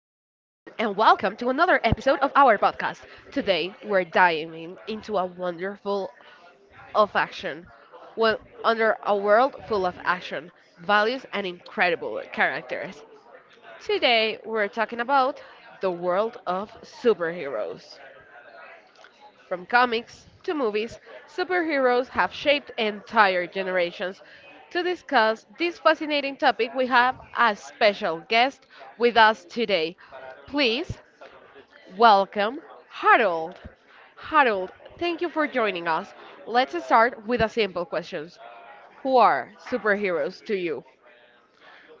and welcome to another episode of our podcast. Today, we're diving into a wonderful of action. Well, under a world full of action, values, and incredible characters. Today, we're talking about the world of superheroes. From comics to movies, superheroes have shaped entire generations. To discuss this fascinating topic, we have a special guest with us today. Please welcome Harold. Harold, thank you for joining us. Let's start with a simple question. Who are superheroes to you?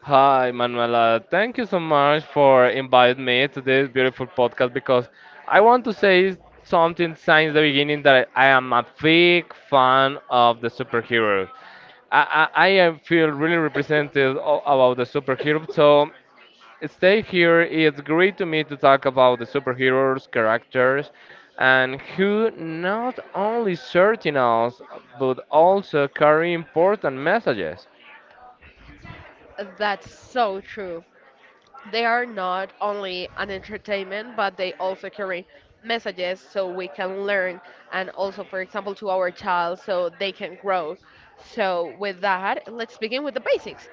Hi, Manuela. Thank you so much for inviting me to this beautiful podcast because I want to say something since the beginning that I am a big fan of the superheroes. I am feel really represented about the superhero. So stay here. It's great to me to talk about the superheroes, characters, and who not only certain us but also carry important messages. That's so true. They are not only an entertainment, but they also carry messages so we can learn and also, for example, to our child so they can grow. So, with that, let's begin with the basics.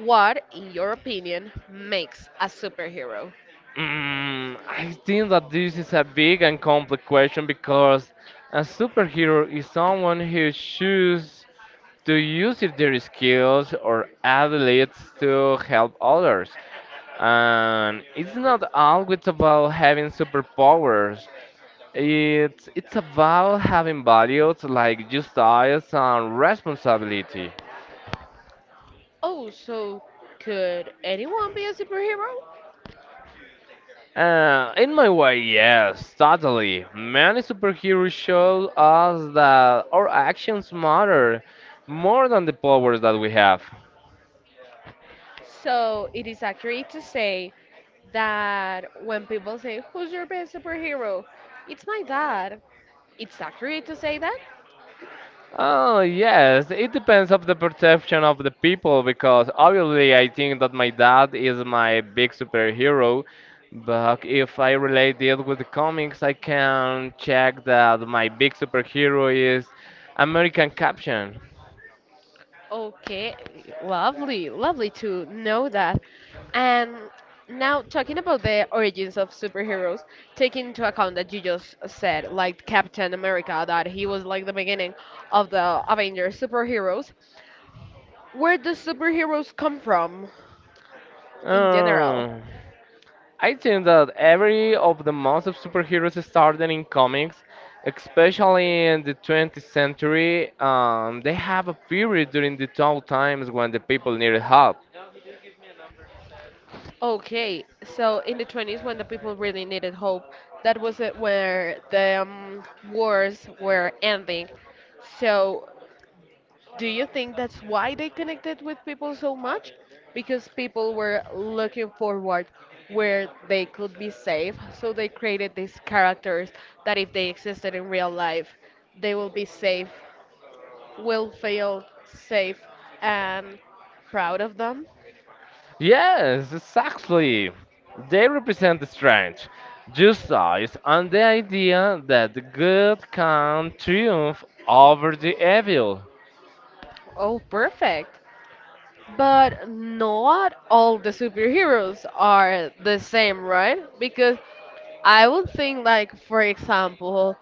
What, in your opinion, makes a superhero? Mm, I think that this is a big and complex question because a superhero is someone who chooses to use their skills or abilities to help others. And it's not always about having superpowers. It's about having values like justice and responsibility. Oh, so could anyone be a superhero? In my way, yes, totally. Many superheroes show us that our actions matter more than the powers that we have. So it is accurate to say that when people say, "Who's your best superhero? It's my dad." It's accurate to say that? Oh, yes, it depends of the perception of the people because obviously I think that my dad is my big superhero, but if I relate it with the comics, I can check that my big superhero is American Captain. Okay, lovely, lovely to know that. And now, talking about the origins of superheroes, taking into account that you just said, like Captain America, that he was like the beginning of the Avengers superheroes, where do superheroes come from in general? Oh. I think that every of the most of superheroes started in comics, especially in the 20th century. They have a period during the tough times when the people needed help. Okay, so in the 20s, when the people really needed hope, that was it where the wars were ending. So do you think that's why they connected with people so much? Because people were looking forward where they could be safe, so they created these characters that if they existed in real life, they will be safe, will feel safe and proud of them. Yes, exactly. They represent the strength, justice, and the idea that the good can triumph over the evil. Oh, perfect. But not all the superheroes are the same, right? Because I would think, like, for example,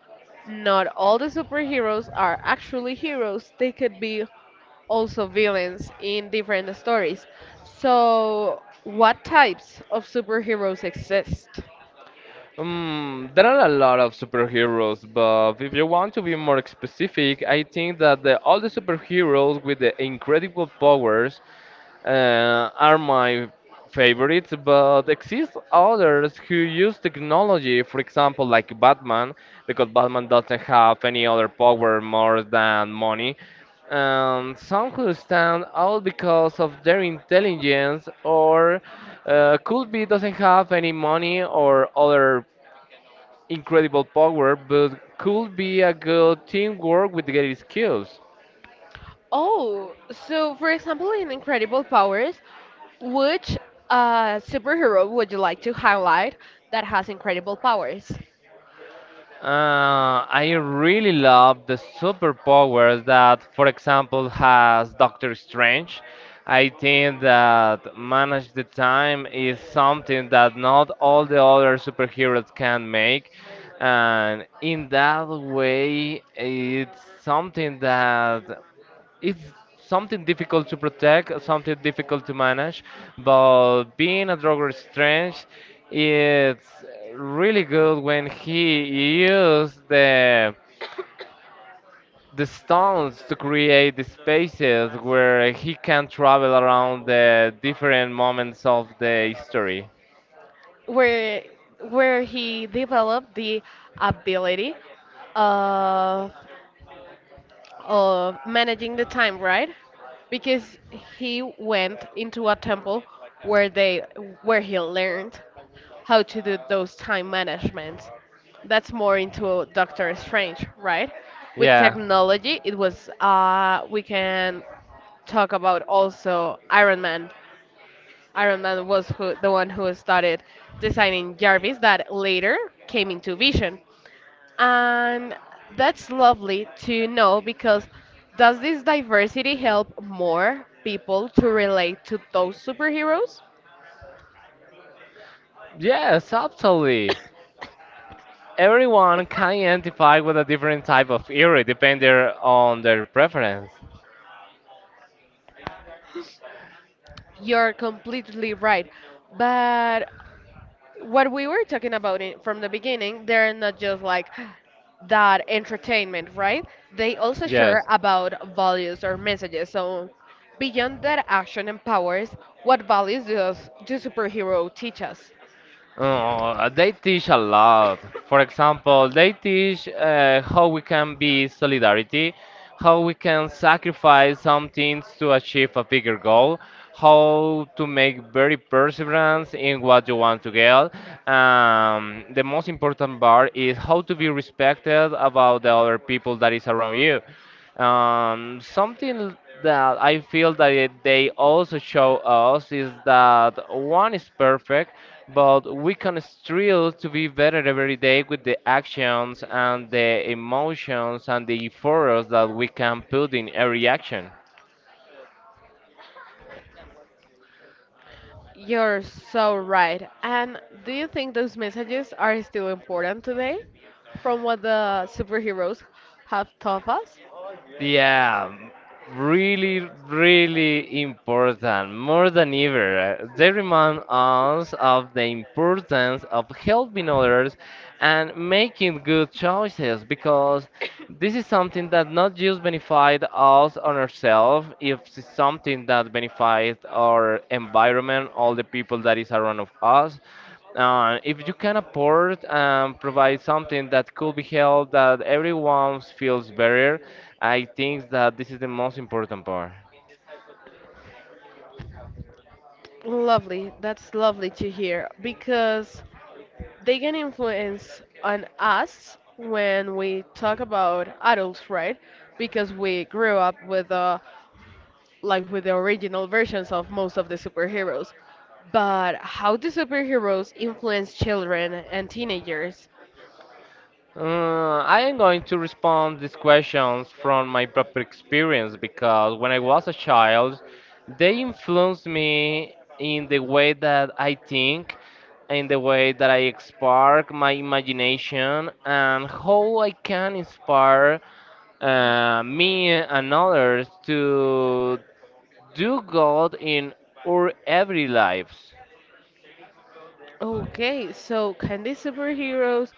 not all the superheroes are actually heroes. They could be also villains in different stories. So, what types of superheroes exist? There are a lot of superheroes, but if you want to be more specific, I think that all the superheroes with the incredible powers are my favorites, but exist others who use technology, for example, like Batman, because Batman doesn't have any other power more than money. And some who stand out because of their intelligence or could be doesn't have any money or other incredible power, but could be a good teamwork with great skills. Oh, so for example, in Incredible Powers, which superhero would you like to highlight that has incredible powers? I really love the superpowers that, for example, has Doctor Strange. I think that manage the time is something that not all the other superheroes can make, and in that way, it's something that it's something difficult to protect, something difficult to manage, but being a drug strange, it's really good when he used the stones to create the spaces where he can travel around the different moments of the history. where where he developed the ability of of managing the time, right? Because he went into a temple where they where he learned how to do those time management. That's more into Doctor Strange, right? With Yeah. technology, it was we can talk about also Iron Man. The one who started designing Jarvis that later came into Vision. And that's lovely to know because does this diversity help more people to relate to those superheroes? Yes, absolutely. Everyone can identify with a different type of eerie depending on their preference. You're completely right. But what we were talking about from the beginning, they're not just like that entertainment, right? They also share Yes. about values or messages. So, beyond that action and powers, what values does do superhero teach us? They teach a lot. For example, they teach how we can be solidarity, how we can sacrifice some things to achieve a bigger goal, how to make very perseverance in what you want to get. The most important part is how to be respected about the other people that is around you. Something that I feel that they also show us is that one is perfect, but we can strive to be better every day with the actions and the emotions and the efforts that we can put in every action. You're so right. And do you think those messages are still important today from what the superheroes have taught us? Yeah, really, really important, more than ever. They remind us of the importance of helping others and making good choices because this is something that not just benefit us on ourselves, if it's something that benefits our environment, all the people that is around of us. If you can afford and provide something that could be held that everyone feels better, I think that this is the most important part. Lovely. That's lovely to hear because they can influence on us when we talk about adults, right? Because we grew up with the like with the original versions of most of the superheroes. But how do superheroes influence children and teenagers? I am going to respond these questions from my proper experience because when I was a child, they influenced me in the way that I think, in the way that I spark my imagination, and how I can inspire me and others to do God in our every lives. Okay, so can these superheroes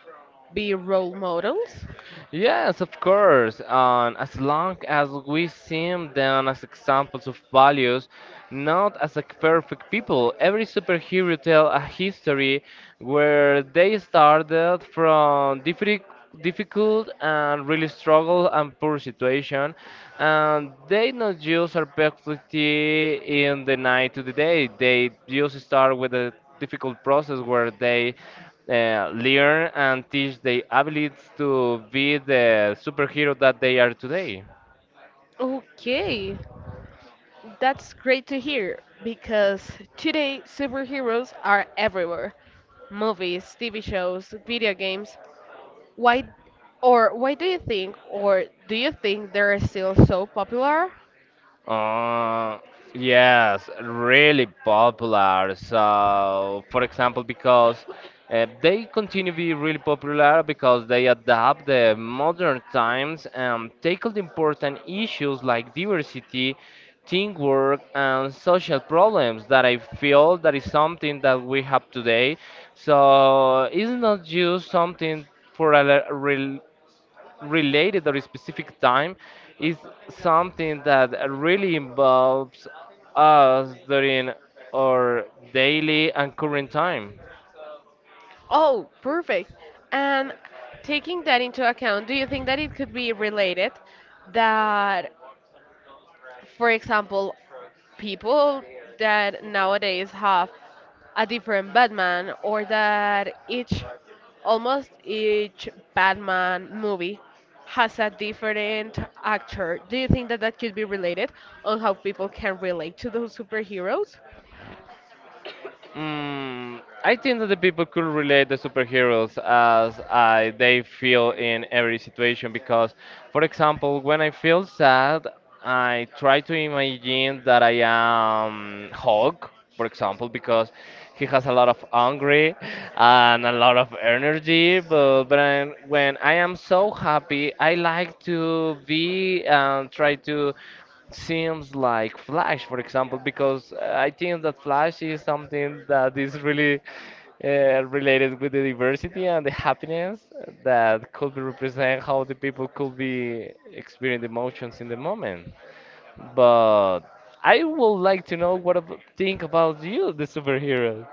be role models? Yes, of course. And as long as we see them as examples of values, not as a perfect people. Every superhero tell a history where they started from different difficult and really struggle and poor situation and they not use our perfectly in the night to the day they just start with a difficult process where they learn and teach their abilities to be the superhero that they are today. Okay, that's great to hear because today superheroes are everywhere: movies, TV shows, video games. Why or do you think they're still so popular? Uh, yes, really popular. So, for example, because they continue to be really popular because they adapt the modern times and tackle the important issues like diversity, teamwork, and social problems that I feel that is something that we have today. So, it's not just something for a related or specific time is something that really involves us during our daily and current time. Oh, perfect. And taking that into account, do you think that it could be related that, for example, people that nowadays have a different Batman, or that almost each Batman movie has a different actor. Do you think that that could be related on how people can relate to those superheroes? Mm, I think that the people could relate the superheroes as I they feel in every situation because, for example, when I feel sad, I try to imagine that I am Hulk, for example, because he has a lot of hungry and a lot of energy. But when I am so happy, I like to be and try to seems like Flash, for example, because I think that Flash is something that is really related with the diversity and the happiness that could be represent how the people could be experiencing emotions in the moment. But I would like to know what think about you, the superhero.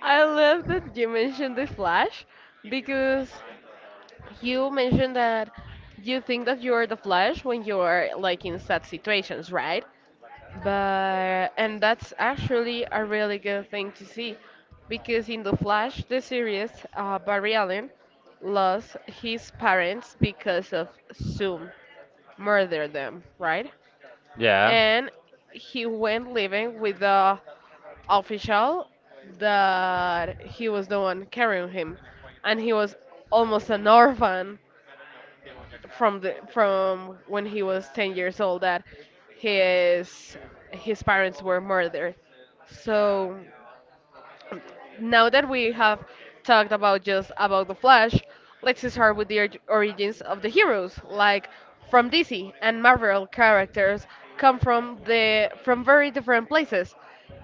I love that you mentioned the Flash because you mentioned that you think that you are the Flash when you are like in sad situations, right? But and that's actually a really good thing to see because in The Flash, the series, Barry Allen lost his parents because of Zoom murdered them, right? Yeah. And he went living with the official that he was the one carrying him, and he was almost an orphan from when he was 10 years old, that his his parents were murdered. So now that we have talked about just about the Flash, let's start with the origins of the heroes. Like from DC and Marvel, characters come from the from very different places.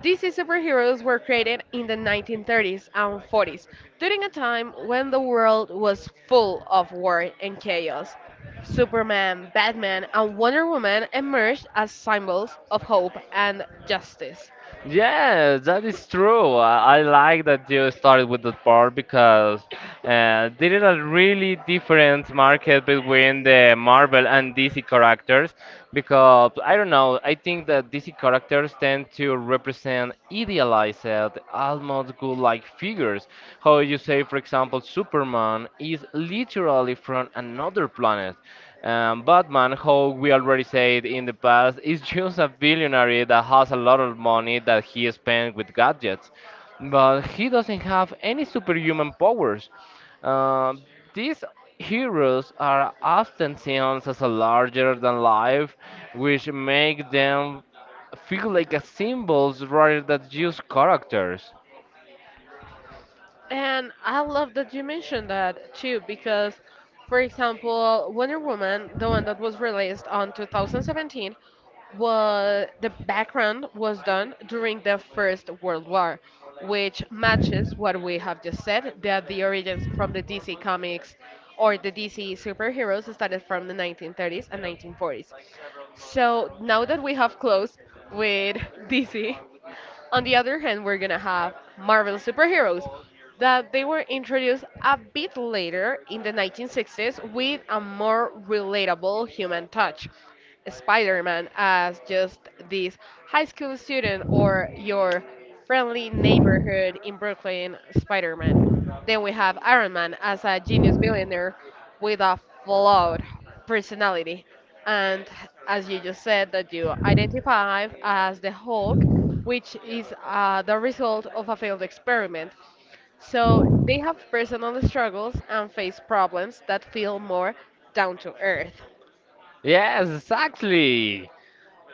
DC superheroes were created in the 1930s and 40s, during a time when the world was full of war and chaos. Superman, Batman, and Wonder Woman emerged as symbols of hope and justice. Yeah, that is true. I like that you started with that part because there is a really different market between the Marvel and DC characters. Because I don't know, I think that DC characters tend to represent idealized, almost good-like figures. How you say, for example, Superman is literally from another planet. Batman, how we already said in the past, is just a billionaire that has a lot of money that he spends with gadgets, but he doesn't have any superhuman powers. Um these heroes are often seen as a larger than life, which make them feel like a symbols rather than just characters. And I love that you mentioned that too, because, for example, Wonder Woman, the one that was released on 2017, was the background was done during the First World War, which matches what we have just said, that the origins from the DC comics or the DC superheroes started from the 1930s and 1940s. So now that we have closed with DC, on the other hand, we're gonna have Marvel superheroes that they were introduced a bit later in the 1960s, with a more relatable human touch. Spider-Man as just this high school student, or your friendly neighborhood in Brooklyn Spider-Man. Then we have Iron Man as a genius billionaire with a flawed personality. And as you just said, that you identify as the Hulk, which is the result of a failed experiment. So they have personal struggles and face problems that feel more down to earth. Yes, exactly.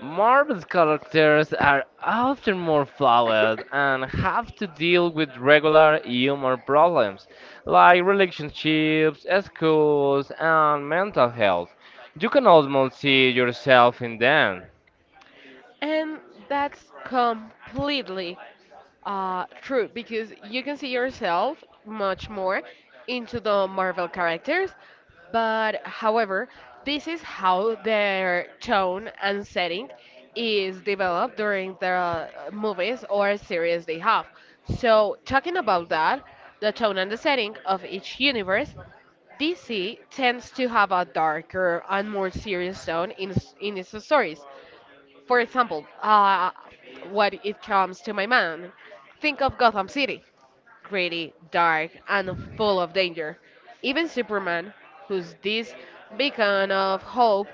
Marvel's characters are often more flawed and have to deal with regular human problems like relationships, schools, and mental health. You can almost see yourself in them. And that's completely true, because you can see yourself much more into the Marvel characters, but however, this is how their tone and setting is developed during the movies or series they have. So, talking about that, the tone and the setting of each universe, DC tends to have a darker and more serious tone in its stories. For example, what it comes to my mind. Think of Gotham City, gritty, dark, and full of danger. Even Superman, who's this beacon of hope,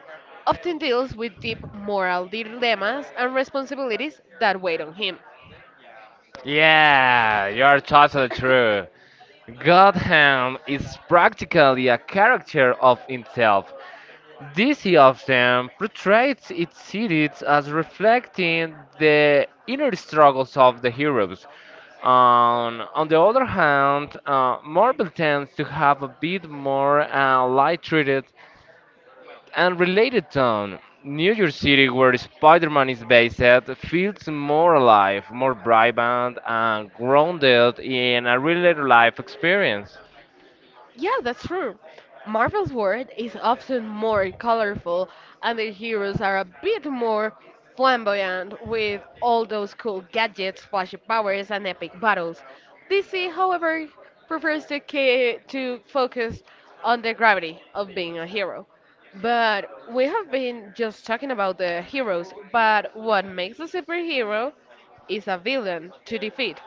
often deals with deep moral dilemmas and responsibilities that weigh on him. Yeah, you're totally true. Gotham is practically a character of himself, this he often portrays its cities as reflecting the inner struggles of the heroes. On the other hand, Marvel tends to have a bit more light-treated and related tone. New York City, where Spider-Man is based, feels more alive, more vibrant, and grounded in a real life experience. Yeah, that's true. Marvel's world is often more colorful, and their heroes are a bit more flamboyant with all those cool gadgets, flashy powers, and epic battles. DC, however, prefers to focus on the gravity of being a hero. But we have been just talking about the heroes, but what makes a superhero is a villain to defeat.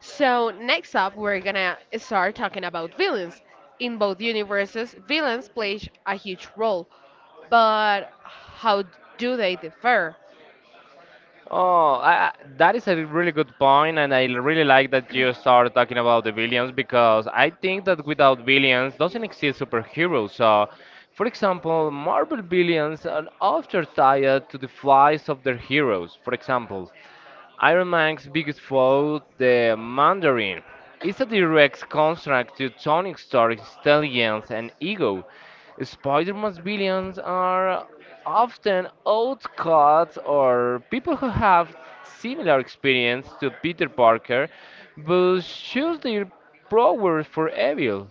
So next up, we're gonna start talking about villains. In both universes, villains play a huge role, but how do they differ? Oh, that is a really good point, and I really like that you start talking about the villains because I think that without villains doesn't exist superheroes. So, for example, Marvel villains are often tied to the flaws of their heroes. For example, Iron Man's biggest foe, the Mandarin, is a direct contrast to Tony Stark's intelligence and ego. Spider-Man's villains are often outcasts or people who have similar experience to Peter Parker, but choose their powers for evil.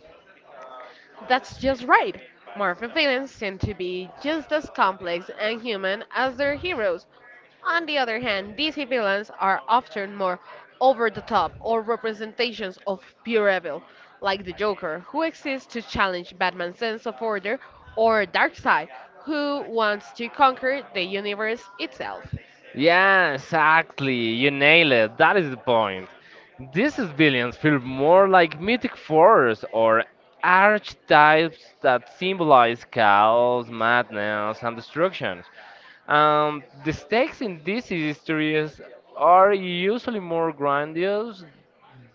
That's just right. Marvel villains tend to be just as complex and human as their heroes. On the other hand, DC villains are often more over the top, or representations of pure evil, like the Joker, who exists to challenge Batman's sense of order, or Darkseid, who wants to conquer the universe itself. Yeah, exactly. You nail it. That is the point. These villains feel more like mythic force or archetypes that symbolize chaos, madness, and destruction. The stakes in these histories are usually more grandiose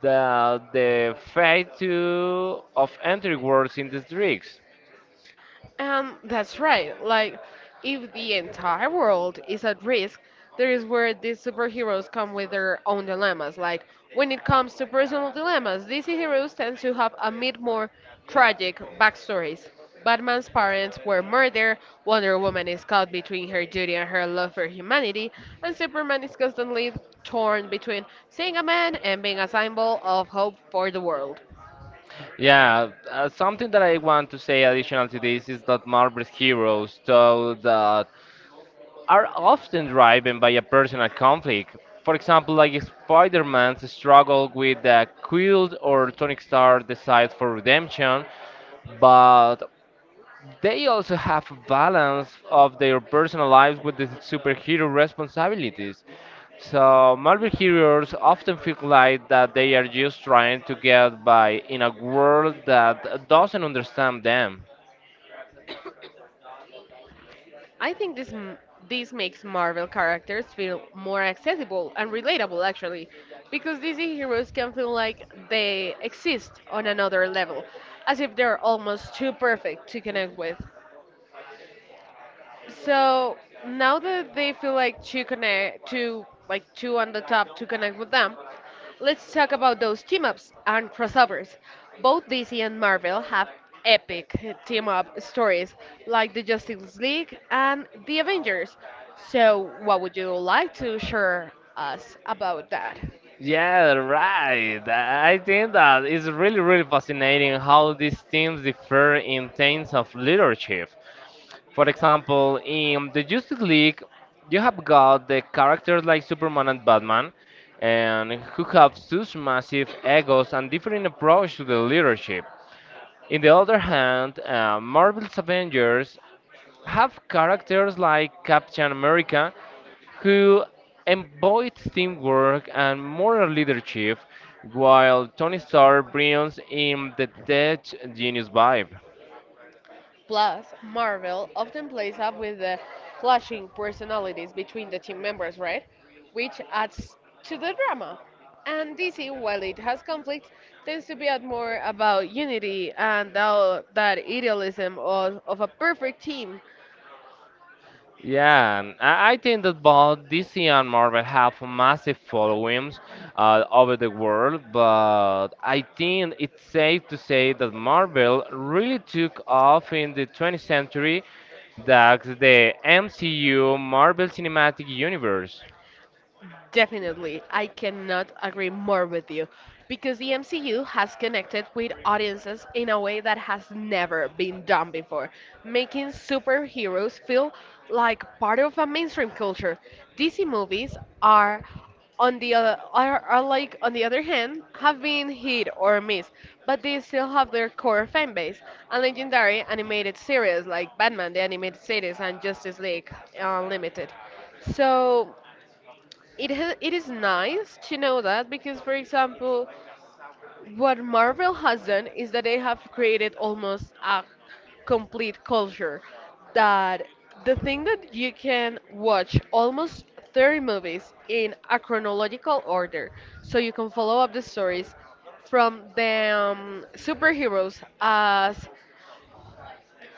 than the fate of entry wars in these drinks. That's right. Like, if the entire world is at risk, there is where these superheroes come with their own dilemmas. Like, when it comes to personal dilemmas, DC heroes tend to have a bit more tragic backstories. Batman's parents were murdered, Wonder Woman is caught between her duty and her love for humanity, and Superman is constantly torn between seeing a man and being a symbol of hope for the world. Yeah, something that I want to say additional to this is that Marvel's heroes, though, that are often driven by a personal conflict. For example, like Spider-Man's struggle with the Quilt or Tony Stark's desire for redemption, but they also have a balance of their personal lives with the superhero responsibilities. So Marvel heroes often feel like that they are just trying to get by in a world that doesn't understand them. I think this makes Marvel characters feel more accessible and relatable actually, because DC heroes can feel like they exist on another level, as if they're almost too perfect to connect with. So now that they feel like to connect, to like two on the top to connect with them, let's talk about those team ups and crossovers. Both DC and Marvel have epic team up stories, like the Justice League and the Avengers. So, what would you like to share us about that? Yeah, right. I think that it's really, really fascinating how these teams differ in terms of leadership. For example, in the Justice League, you have got the characters like Superman and Batman, and who have such massive egos and different approach to the leadership. In the other hand, Marvel's Avengers have characters like Captain America, who embodies teamwork and moral leadership, while Tony Stark brings in the tech genius vibe. Plus, Marvel often plays up with the clashing personalities between the team members, right? Which adds to the drama. And DC, while it has conflicts, tends to be at more about unity and that idealism of a perfect team. I think that both DC and Marvel have massive followings over the world, but I think it's safe to say that Marvel really took off in the 20th century, that's the MCU Marvel Cinematic Universe. Definitely, I cannot agree more with you because the MCU has connected with audiences in a way that has never been done before, making superheroes feel like part of a mainstream culture. DC movies are are like on the other hand have been hit or miss, but they still have their core fan base and legendary animated series like Batman: The Animated Series and Justice League Unlimited. So it is nice to know that because, for example, what Marvel has done is that they have created almost a complete culture. That The thing that you can watch almost 30 movies in a chronological order, so you can follow up the stories from the superheroes as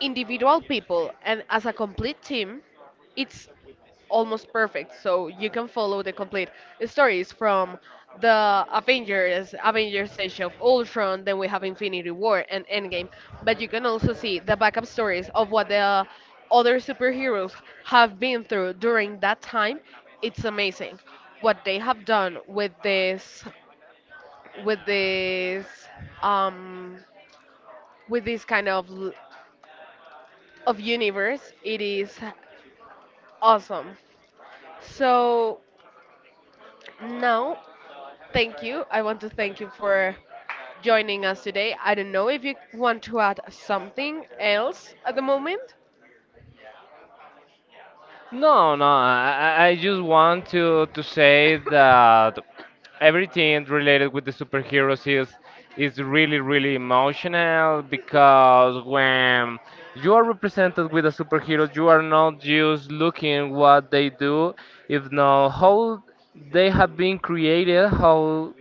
individual people and as a complete team, it's almost perfect. So you can follow the complete stories from the Avengers, Avengers Age of Ultron, then we have Infinity War and Endgame. But you can also see the backup stories of what the other superheroes have been through during that time. It's amazing what they have done with with this, um, this kind of universe. It is awesome. So now, thank you. I want to thank you for joining us today. I don't know if you want to add something else at the moment. No, no, I just want to say that everything related with the superheroes is really really emotional because when you are represented with a superhero, you are not just looking what they do, if not how they have been created, how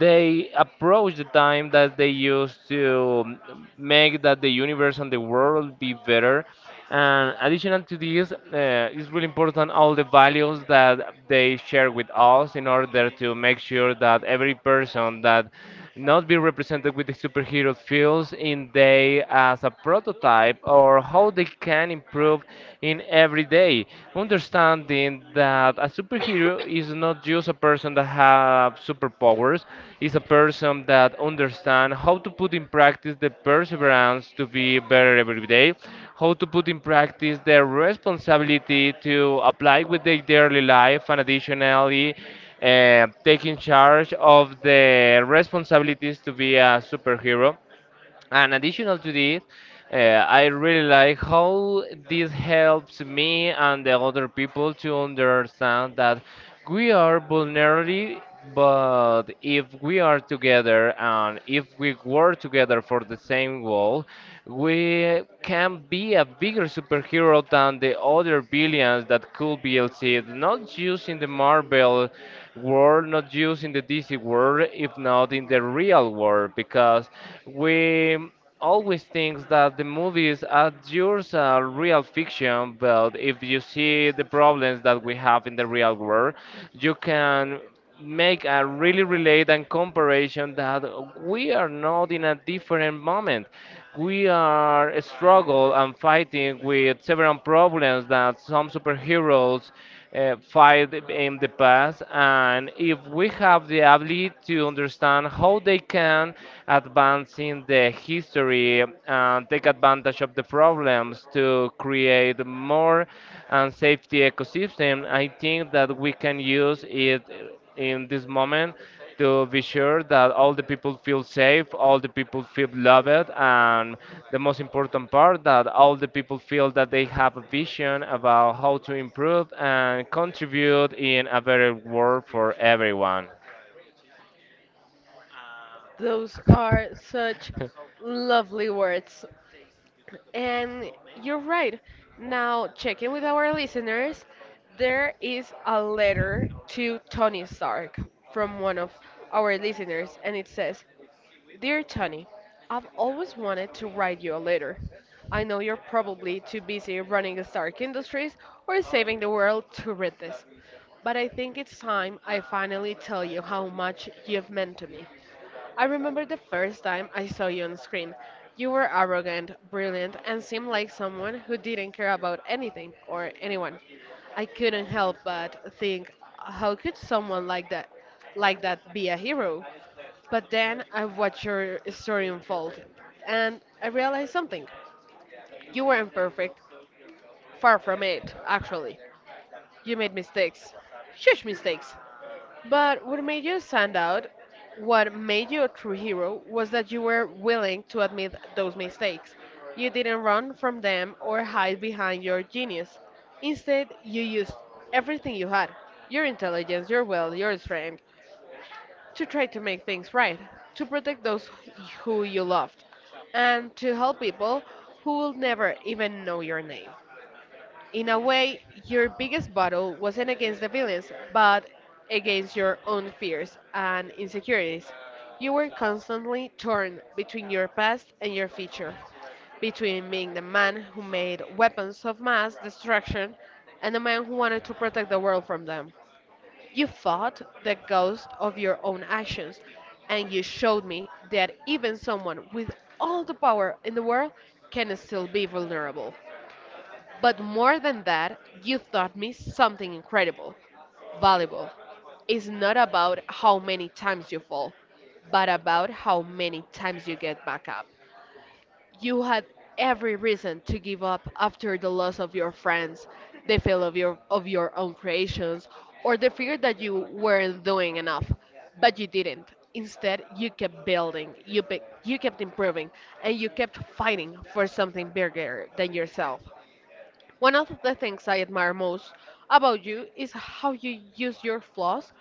they approach the time that they use to make that the universe and the world be better. And additional to this, it's really important all the values that they share with us in order to make sure that every person that not be represented with the superhero feels in they as a prototype or how they can improve in everyday today, understanding that a superhero is not just a person that have superpowers, is a person that understand how to put in practice the perseverance to be better every day, how to put in practice their responsibility to apply with their daily life and additionally taking charge of the responsibilities to be a superhero and additional to this, I really like how this helps me and the other people to understand that we are vulnerable, but if we are together and if we work together for the same goal, we can be a bigger superhero than the other billions that could be LC'd, not just in the Marvel world, not just in the DC world, if not in the real world because we always think that the movies adjures are just real fiction, but if you see the problems that we have in the real world, you can make a really relate and comparison that we are not in a different moment. We are struggle and fighting with several problems that some superheroes fight in the past and if we have the ability to understand how they can advance in the history and take advantage of the problems to create more and safety ecosystem I think that we can use it in this moment to be sure that all the people feel safe, all the people feel loved, and the most important part that all the people feel that they have a vision about how to improve and contribute in a better world for everyone. Those are such lovely words. And you're right. Now, checking with our listeners, there is a letter to Tony Stark from one of our listeners, and it says, Dear Tony, I've always wanted to write you a letter. I know you're probably too busy running Stark Industries or saving the world to read this, but I think it's time I finally tell you how much you've meant to me. I remember the first time I saw you on screen. You were arrogant, brilliant, and seemed like someone who didn't care about anything or anyone. I couldn't help but think, how could someone like that, be a hero? But then I watched your story unfold, and I realized something. You weren't perfect. Far from it, actually. You made mistakes. Huge mistakes. But what made you stand out, what made you a true hero, was that you were willing to admit those mistakes. You didn't run from them or hide behind your genius. Instead, you used everything you had, your intelligence, your will, your strength, to try to make things right, to protect those who you loved, and to help people who will never even know your name. In a way, your biggest battle wasn't against the villains, but against your own fears and insecurities. You were constantly torn between your past and your future, between being the man who made weapons of mass destruction and the man who wanted to protect the world from them. You fought the ghost of your own actions, and you showed me that even someone with all the power in the world can still be vulnerable. But more than that, you taught me something incredible, valuable. It's not about how many times you fall, but about how many times you get back up. You had every reason to give up after the loss of your friends, the fail of your own creations, or the fear that you weren't doing enough. But you didn't. Instead, you kept building, you kept improving, and you kept fighting for something bigger than yourself. One of the things I admire most about you is how you use your flaws,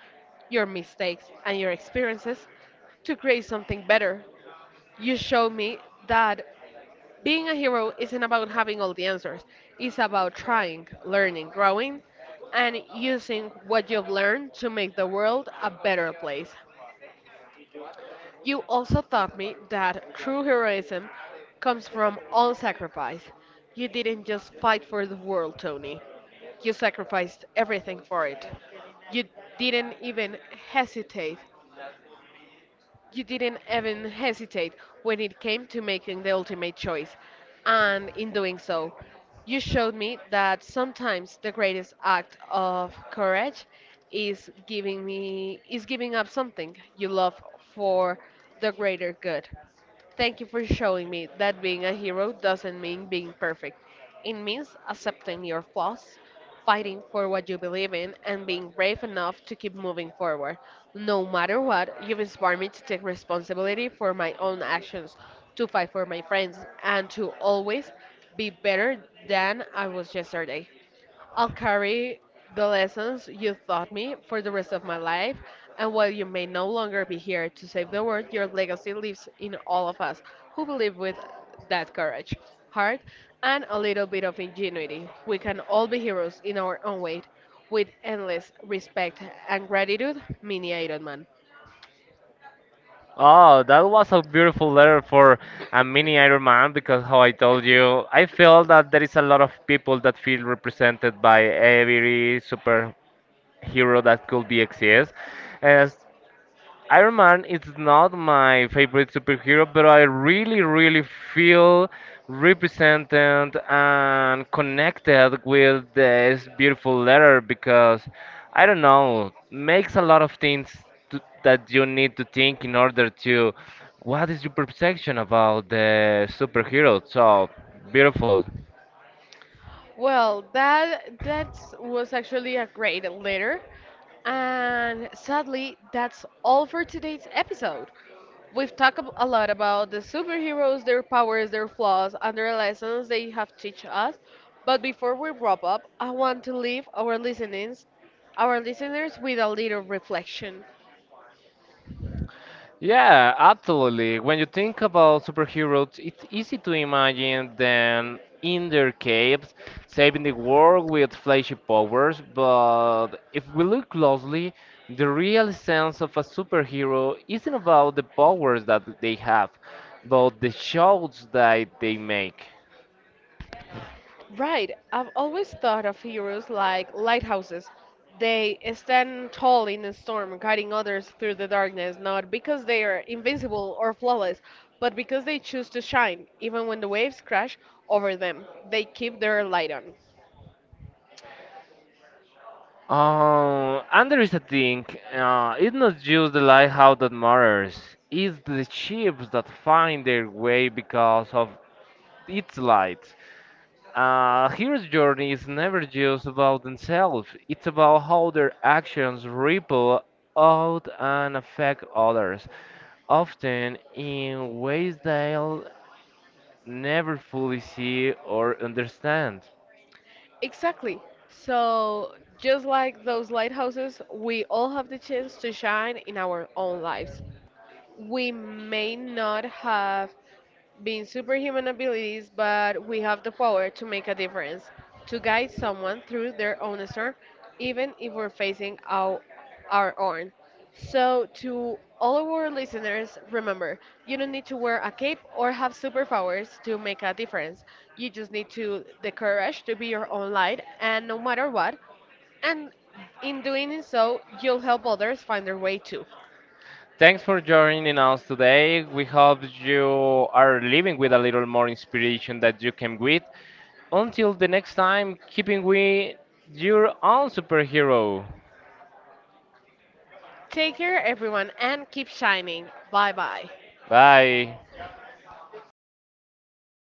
your mistakes, and your experiences to create something better. You show me that being a hero isn't about having all the answers. It's about trying, learning, growing, and using what you've learned to make the world a better place. You also taught me that true heroism comes from all sacrifice. You didn't just fight for the world, Tony. You sacrificed everything for it. You didn't even hesitate you didn't even hesitate when it came to making the ultimate choice. And in doing so, you showed me that sometimes the greatest act of courage is giving me is giving up something you love for the greater good. Thank you for showing me that being a hero doesn't mean being perfect. It means accepting your flaws, fighting for what you believe in, and being brave enough to keep moving forward. No matter what, you've inspired me to take responsibility for my own actions, to fight for my friends, and to always be better than I was yesterday. I'll carry the lessons you taught me for the rest of my life, and while you may no longer be here to save the world, your legacy lives in all of us who believe with that courage, heart, and a little bit of ingenuity. We can all be heroes in our own way, with endless respect and gratitude, Mini Iron Man. Oh, that was a beautiful letter for a mini Iron Man because, how I told you, I feel that there is a lot of people that feel represented by every superhero that could be exist. And. Iron Man is not my favorite superhero, but I really, really feel represented and connected with this beautiful letter because I don't know, makes a lot of things to, that you need to think in order to what is your perception about the superhero. So beautiful. Well, that was actually a great letter, and sadly, that's all for today's episode. We've talked a lot about the superheroes, their powers, their flaws, and their lessons they have teach us. But before we wrap up, I want to leave our listeners with a little reflection. Yeah, absolutely. When you think about superheroes, it's easy to imagine them in their caves, saving the world with flashy powers, but if we look closely, the real sense of a superhero isn't about the powers that they have, but the shows that they make. Right. I've always thought of heroes like lighthouses. They stand tall in a storm, guiding others through the darkness, not because they are invincible or flawless, but because they choose to shine, even when the waves crash over them. They keep their light on. And there is a thing, it's not just the lighthouse that matters, it's the ships that find their way because of its light. Hero's journey is never just about themselves. It's about how their actions ripple out and affect others, often in ways they'll never fully see or understand. Exactly. So, just like those lighthouses, we all have the chance to shine in our own lives. We may not have being superhuman abilities, but we have the power to make a difference, to guide someone through their own storm, even if we're facing our own. So, to all of our listeners, remember, you don't need to wear a cape or have superpowers to make a difference. You just need to the courage to be your own light, and no matter what, and in doing so, you'll help others find their way too. Thanks for joining us today. We hope you are leaving with a little more inspiration that you came with. Until the next time, keeping with your own superhero. Take care, everyone, and keep shining. Bye bye. Bye.